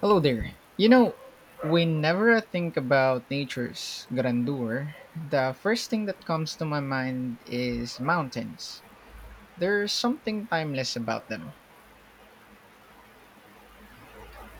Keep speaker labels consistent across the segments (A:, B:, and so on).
A: Hello there. You know, whenever I think about nature's grandeur, the first thing that comes to my mind is mountains. There's something timeless about them.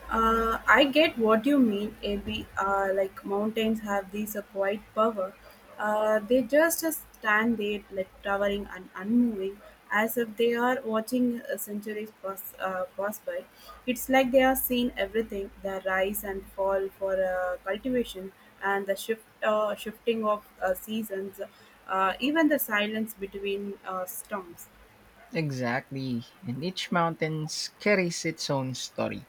B: I get what you mean, AB. Like mountains have these a quiet power. They just stand there, like towering and unmoving, as if they are watching centuries pass by. It's like they are seeing everything: the rise and fall for cultivation, and the shifting of seasons, even the silence between storms.
A: Exactly, and each mountain carries its own story.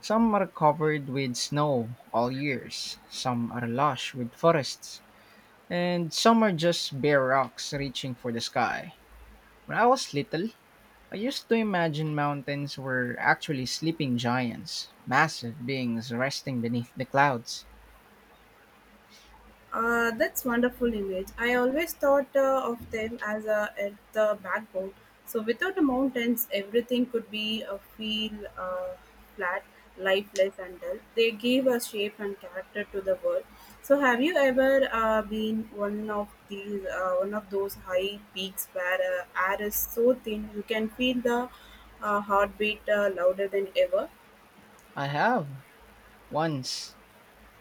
A: Some are covered with snow all years, some are lush with forests, and some are just bare rocks reaching for the sky. When I was little, I used to imagine mountains were actually sleeping giants, massive beings resting beneath the clouds.
B: That's wonderful image. I always thought of them as a, at the backbone. So without the mountains, everything could be a feel uh, flat, lifeless, and dull. They give a shape and character to the world. So have you ever been one of those high peaks where air is so thin you can feel the heartbeat louder than ever?
A: I have. Once,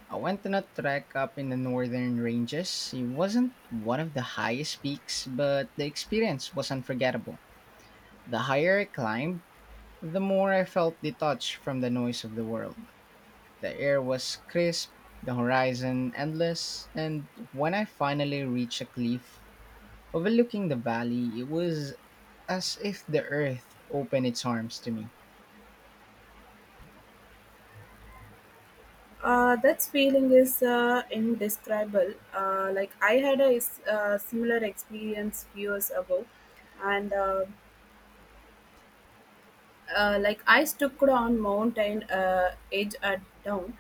A: I went on a trek up in the northern ranges. It wasn't one of the highest peaks, but the experience was unforgettable. The higher I climbed, the more I felt detached from the noise of the world. The air was crisp, the horizon endless, and when I finally reached a cliff overlooking the valley, it was as if the earth opened its arms to me.
B: That feeling is indescribable. Like I had a similar experience years ago, and like I stood on mountain edge at dawn.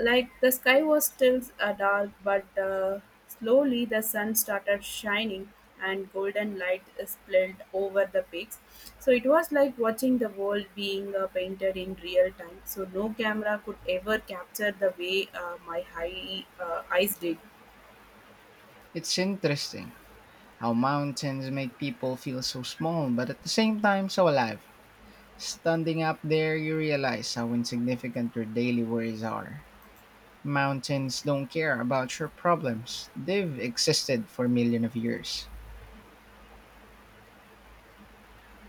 B: Like the sky was still dark, but slowly the sun started shining and golden light spilled over the peaks. So it was like watching the world being painted in real time. So no camera could ever capture the way my eyes did.
A: It's interesting how mountains make people feel so small, but at the same time, so alive. Standing up there, you realize how insignificant your daily worries are. Mountains don't care about your problems, they've existed for millions of years.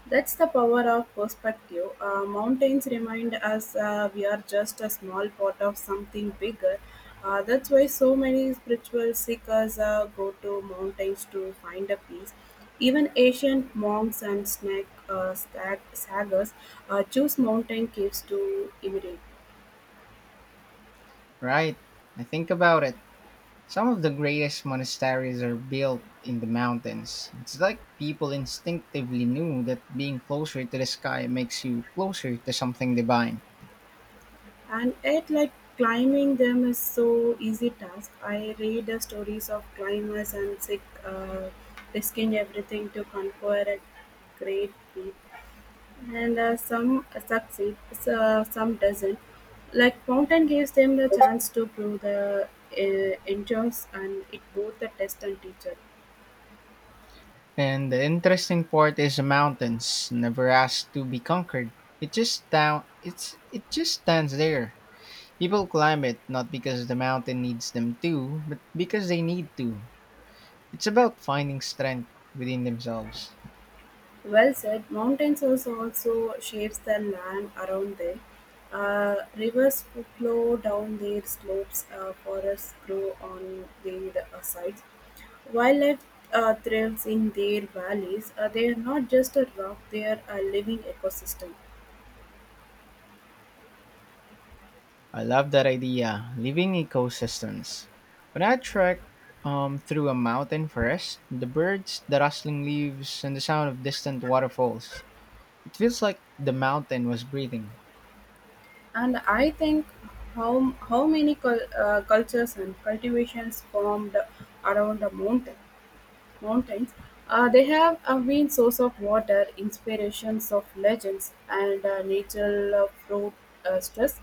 B: That's the power of perspective. Mountains remind us we are just a small part of something bigger. That's why so many spiritual seekers go to mountains to find a peace. Even ancient monks and sagas choose mountain caves to imitate.
A: Right? I think about it. Some of the greatest monasteries are built in the mountains. It's like people instinctively knew that being closer to the sky makes you closer to something divine.
B: And yet, like climbing them is so easy task. I read the stories of climbers and risking everything to conquer a great peak, and some succeed, some doesn't. Like mountain gives them the chance to prove the endurance, and it both the test and teacher.
A: And the interesting part is the mountains never ask to be conquered. It just stands there. People climb it not because the mountain needs them to, but because they need to. It's about finding strength within themselves.
B: Well said. Mountains also shapes the land around them. Rivers flow down their slopes. Forests grow on their sides. Wildlife thrives in their valleys. They are not just a rock; they are a living ecosystem.
A: I love that idea. Living ecosystems. When I trek through a mountain forest, the birds, the rustling leaves, and the sound of distant waterfalls, it feels like the mountain was breathing.
B: And I think how many cultures and cultivations formed around a mountain. Mountains. They have been source of water, inspirations of legends, and natural fruit stress.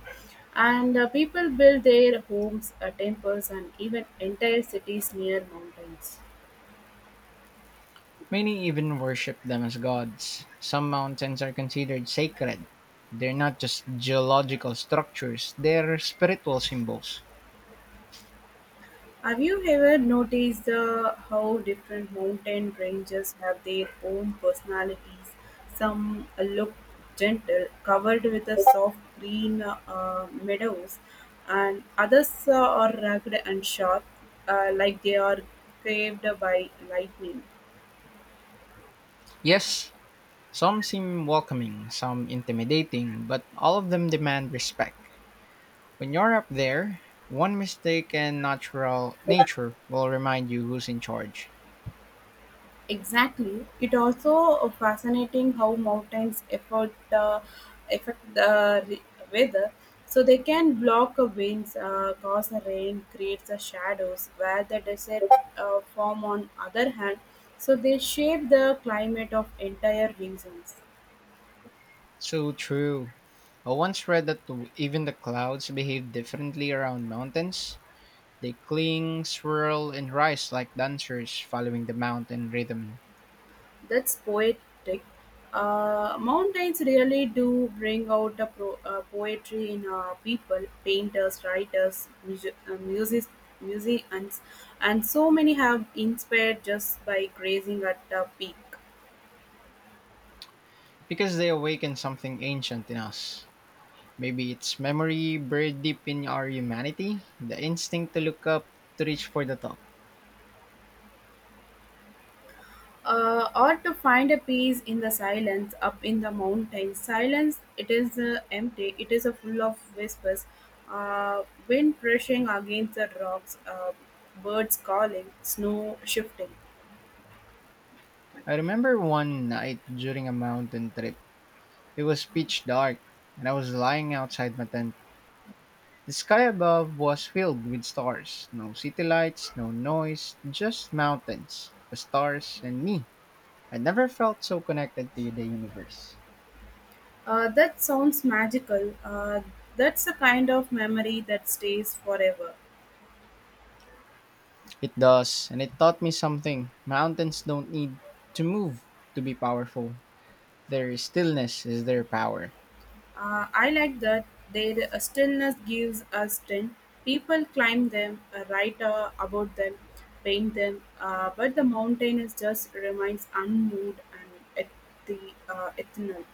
B: And people build their homes, temples, and even entire cities near mountains.
A: Many even worship them as gods. Some mountains are considered sacred. They're not just geological structures, they're spiritual symbols.
B: Have you ever noticed how different mountain ranges have their own personalities? Some look gentle, covered with a soft green meadows, and others are rugged and sharp, like they are craved by lightning.
A: Yes, some seem welcoming, some intimidating, but all of them demand respect. When you're up there, one mistake and natural nature will remind you who's in charge.
B: Exactly. It also fascinating how mountains affect the weather. So they can block winds, cause the rain, creates the shadows. Where the desert form, on other hand, so they shape the climate of entire regions.
A: So true. I once read that even the clouds behave differently around mountains. They cling, swirl, and rise like dancers following the mountain rhythm,
B: That's poetic. Mountains really do bring out the poetry in people, painters, writers, music, musicians, and so many have inspired just by grazing at the peak.
A: because they awaken something ancient in us. Maybe it's memory buried deep in our humanity, the instinct to look up, to reach for the top.
B: Or to find a peace in the silence up in the mountains. Silence, it is empty, it is full of whispers, uh, wind brushing against the rocks, birds calling, snow shifting.
A: I remember one night during a mountain trip. It was pitch dark, and I was lying outside my tent. The sky above was filled with stars. No city lights, no noise, just mountains, the stars, and me. I never felt so connected to the universe.
B: That sounds magical. That's the kind of memory that stays forever.
A: It does, and it taught me something. Mountains don't need to move to be powerful. Their stillness is their power.
B: I like that their stillness gives us strength. People climb them, write about them, paint them, but the mountain is just remains unmoved and at the eternal.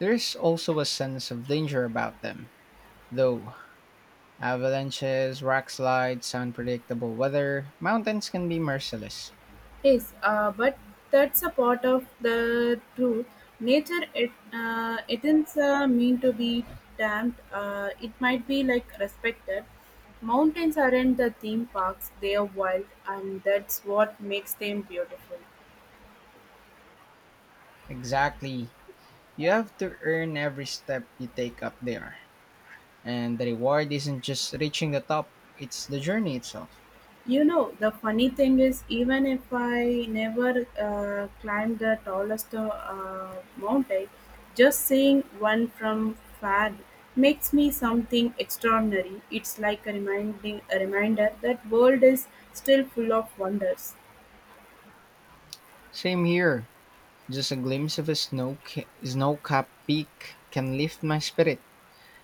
A: There is also a sense of danger about them. Though avalanches, rock slides, unpredictable weather, mountains can be merciless.
B: Yes, but that's a part of the truth. Nature, it it isn't mean to be damned. It might be like respected. Mountains aren't the theme parks; they are wild, and that's what makes them beautiful.
A: Exactly. You have to earn every step you take up there. And the reward isn't just reaching the top, it's the journey itself.
B: You know, the funny thing is, even if I never climbed the tallest mountain, just seeing one from far makes me something extraordinary. It's like a reminder that world is still full of wonders.
A: Same here. Just a glimpse of a snow-capped peak can lift my spirit.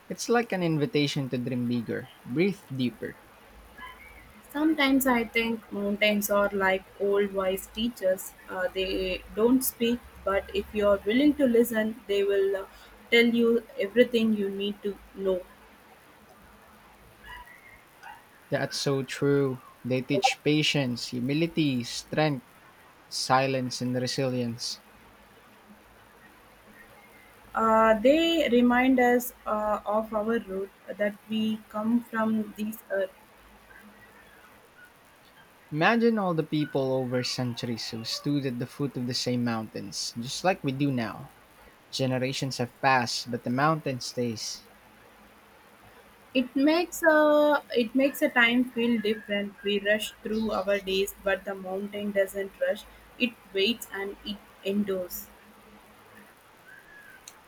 A: It's like an invitation to dream bigger, breathe deeper.
B: Sometimes I think mountains are like old wise teachers. They don't speak, but if you are willing to listen, they will tell you everything you need to know.
A: That's so true. They teach patience, humility, strength, silence, and resilience.
B: They remind us of our root that we come from this earth.
A: Imagine all the people over centuries who stood at the foot of the same mountains, just like we do now. Generations have passed, but the mountain stays.
B: It makes a time feel different. We rush through our days, but the mountain doesn't rush. It waits and it endures.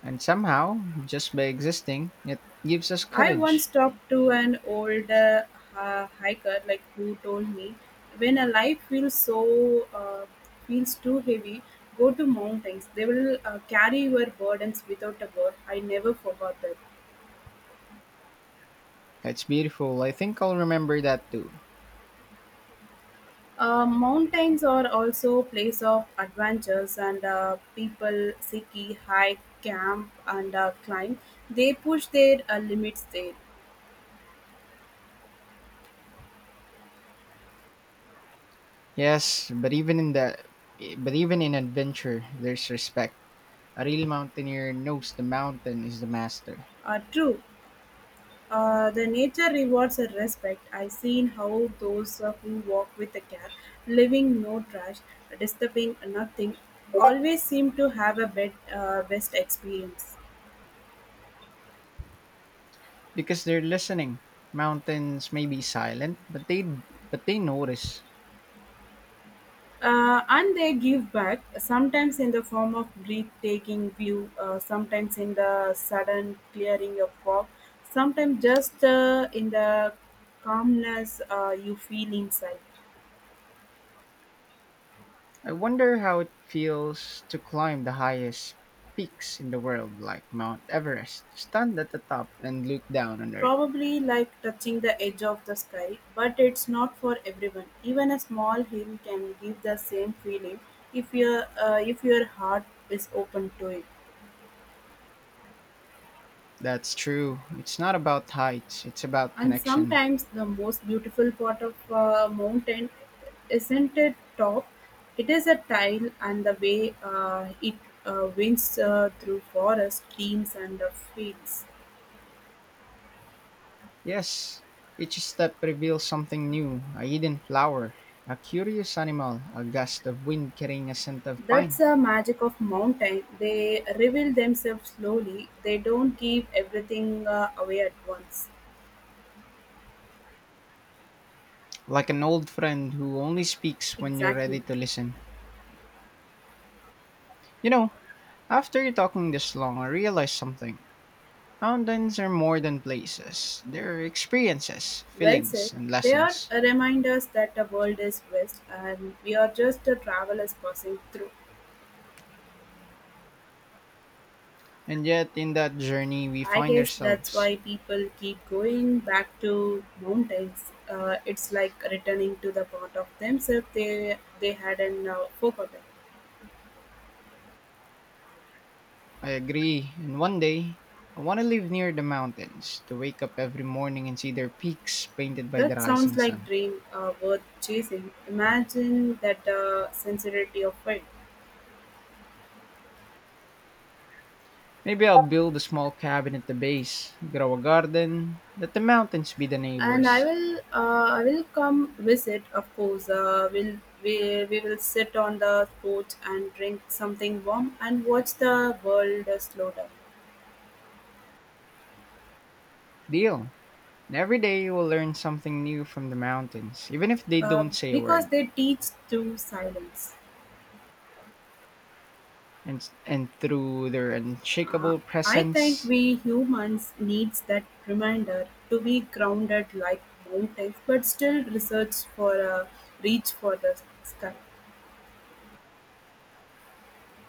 A: And somehow, just by existing, it gives us
B: I once
A: courage.
B: talked to an old hiker, like who told me, when a life feels feels too heavy, go to mountains. They will carry your burdens without a word. I never forgot that.
A: It's beautiful. I think I'll remember that too.
B: Mountains are also place of adventures and people ski, hike, camp and climb. They push their limits there.
A: Yes, but even in the but even in adventure, there's respect. A real mountaineer knows the mountain is the master,
B: True, the nature rewards a respect. I've seen how those who walk with a care, leaving no trash, disturbing nothing, always seem to have a best experience.
A: because they're listening. Mountains may be silent, but they notice.
B: And they give back, sometimes in the form of breathtaking view, sometimes in the sudden clearing of fog, sometimes just in the calmness you feel inside.
A: I wonder how it feels to climb the highest peaks in the world, like Mount Everest, to stand at the top and look down on Earth.
B: Probably like touching the edge of the sky, but it's not for everyone. Even a small hill can give the same feeling if your heart is open to it.
A: That's true. It's not about heights, it's about
B: And
A: connection.
B: sometimes the most beautiful part of a mountain isn't it top, it is a tile and the way it winds through forest, streams and fields.
A: Yes, each step reveals something new, a hidden flower, a curious animal, a gust of wind carrying a scent of
B: That's
A: pine.
B: the magic of mountain. They reveal themselves slowly. They don't give everything away at once.
A: Like an old friend who only speaks when you're
B: Exactly.
A: ready to listen. You know, after you're talking this long, I realized something. Mountains are more than places. They're experiences,
B: Well said.
A: feelings, and
B: They are
A: lessons.
B: reminders that the world is vast and we are just travelers passing through.
A: And yet, in that journey, we
B: I
A: find
B: guess that's
A: ourselves.
B: why people keep going back to mountains. It's like returning to the part of themselves they hadn't forgotten.
A: I agree. And one day, I want to live near the mountains, to wake up every morning and see their peaks painted by the
B: That sounds
A: rising
B: like
A: sun.
B: dream worth chasing. Imagine that sincerity of it.
A: Maybe I'll build a small cabin at the base, grow a garden, let the mountains be the
B: And I
A: neighbors.
B: will uh, I will come visit. Of course, will we will sit on the porch and drink something warm and watch the world slow down.
A: Deal. And every day we'll learn something new from the mountains, even if they
B: Uh,
A: don't say a
B: because
A: word.
B: they teach through silence.
A: And through their
B: Uh,
A: unshakable
B: I think
A: presence.
B: we humans needs that reminder to be grounded like mountains, but still research for a reach for the sky.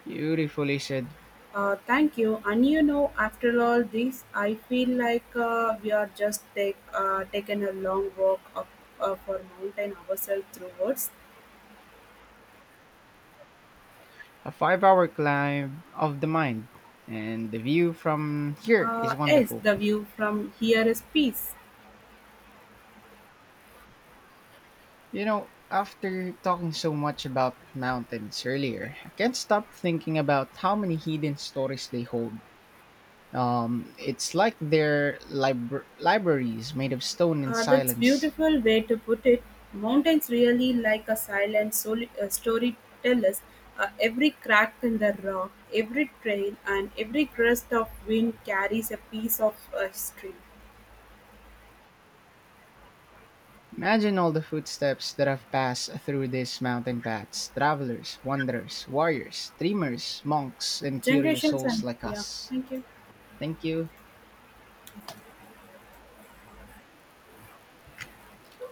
A: Beautifully said.
B: Thank you. And you know, after all this, I feel like we are just taken a long walk up for mountain ourselves through woods.
A: A 5 hour climb of the mind, and the view from here is
B: Yes,
A: wonderful.
B: the view from here is peace.
A: You know, after talking so much about mountains earlier, I can't stop thinking about how many hidden stories they hold. It's like their libraries made of stone and
B: That's
A: silence.
B: beautiful way to put it. Mountains really like a silent storytellers. Every crack in the rock, every trail, and every gust of wind carries a piece of history.
A: Imagine all the footsteps that have passed through these mountain paths, travelers, wanderers, warriors, dreamers, monks, and curious
B: Generations
A: souls
B: and
A: like
B: yeah,
A: us.
B: thank you.
A: Thank you.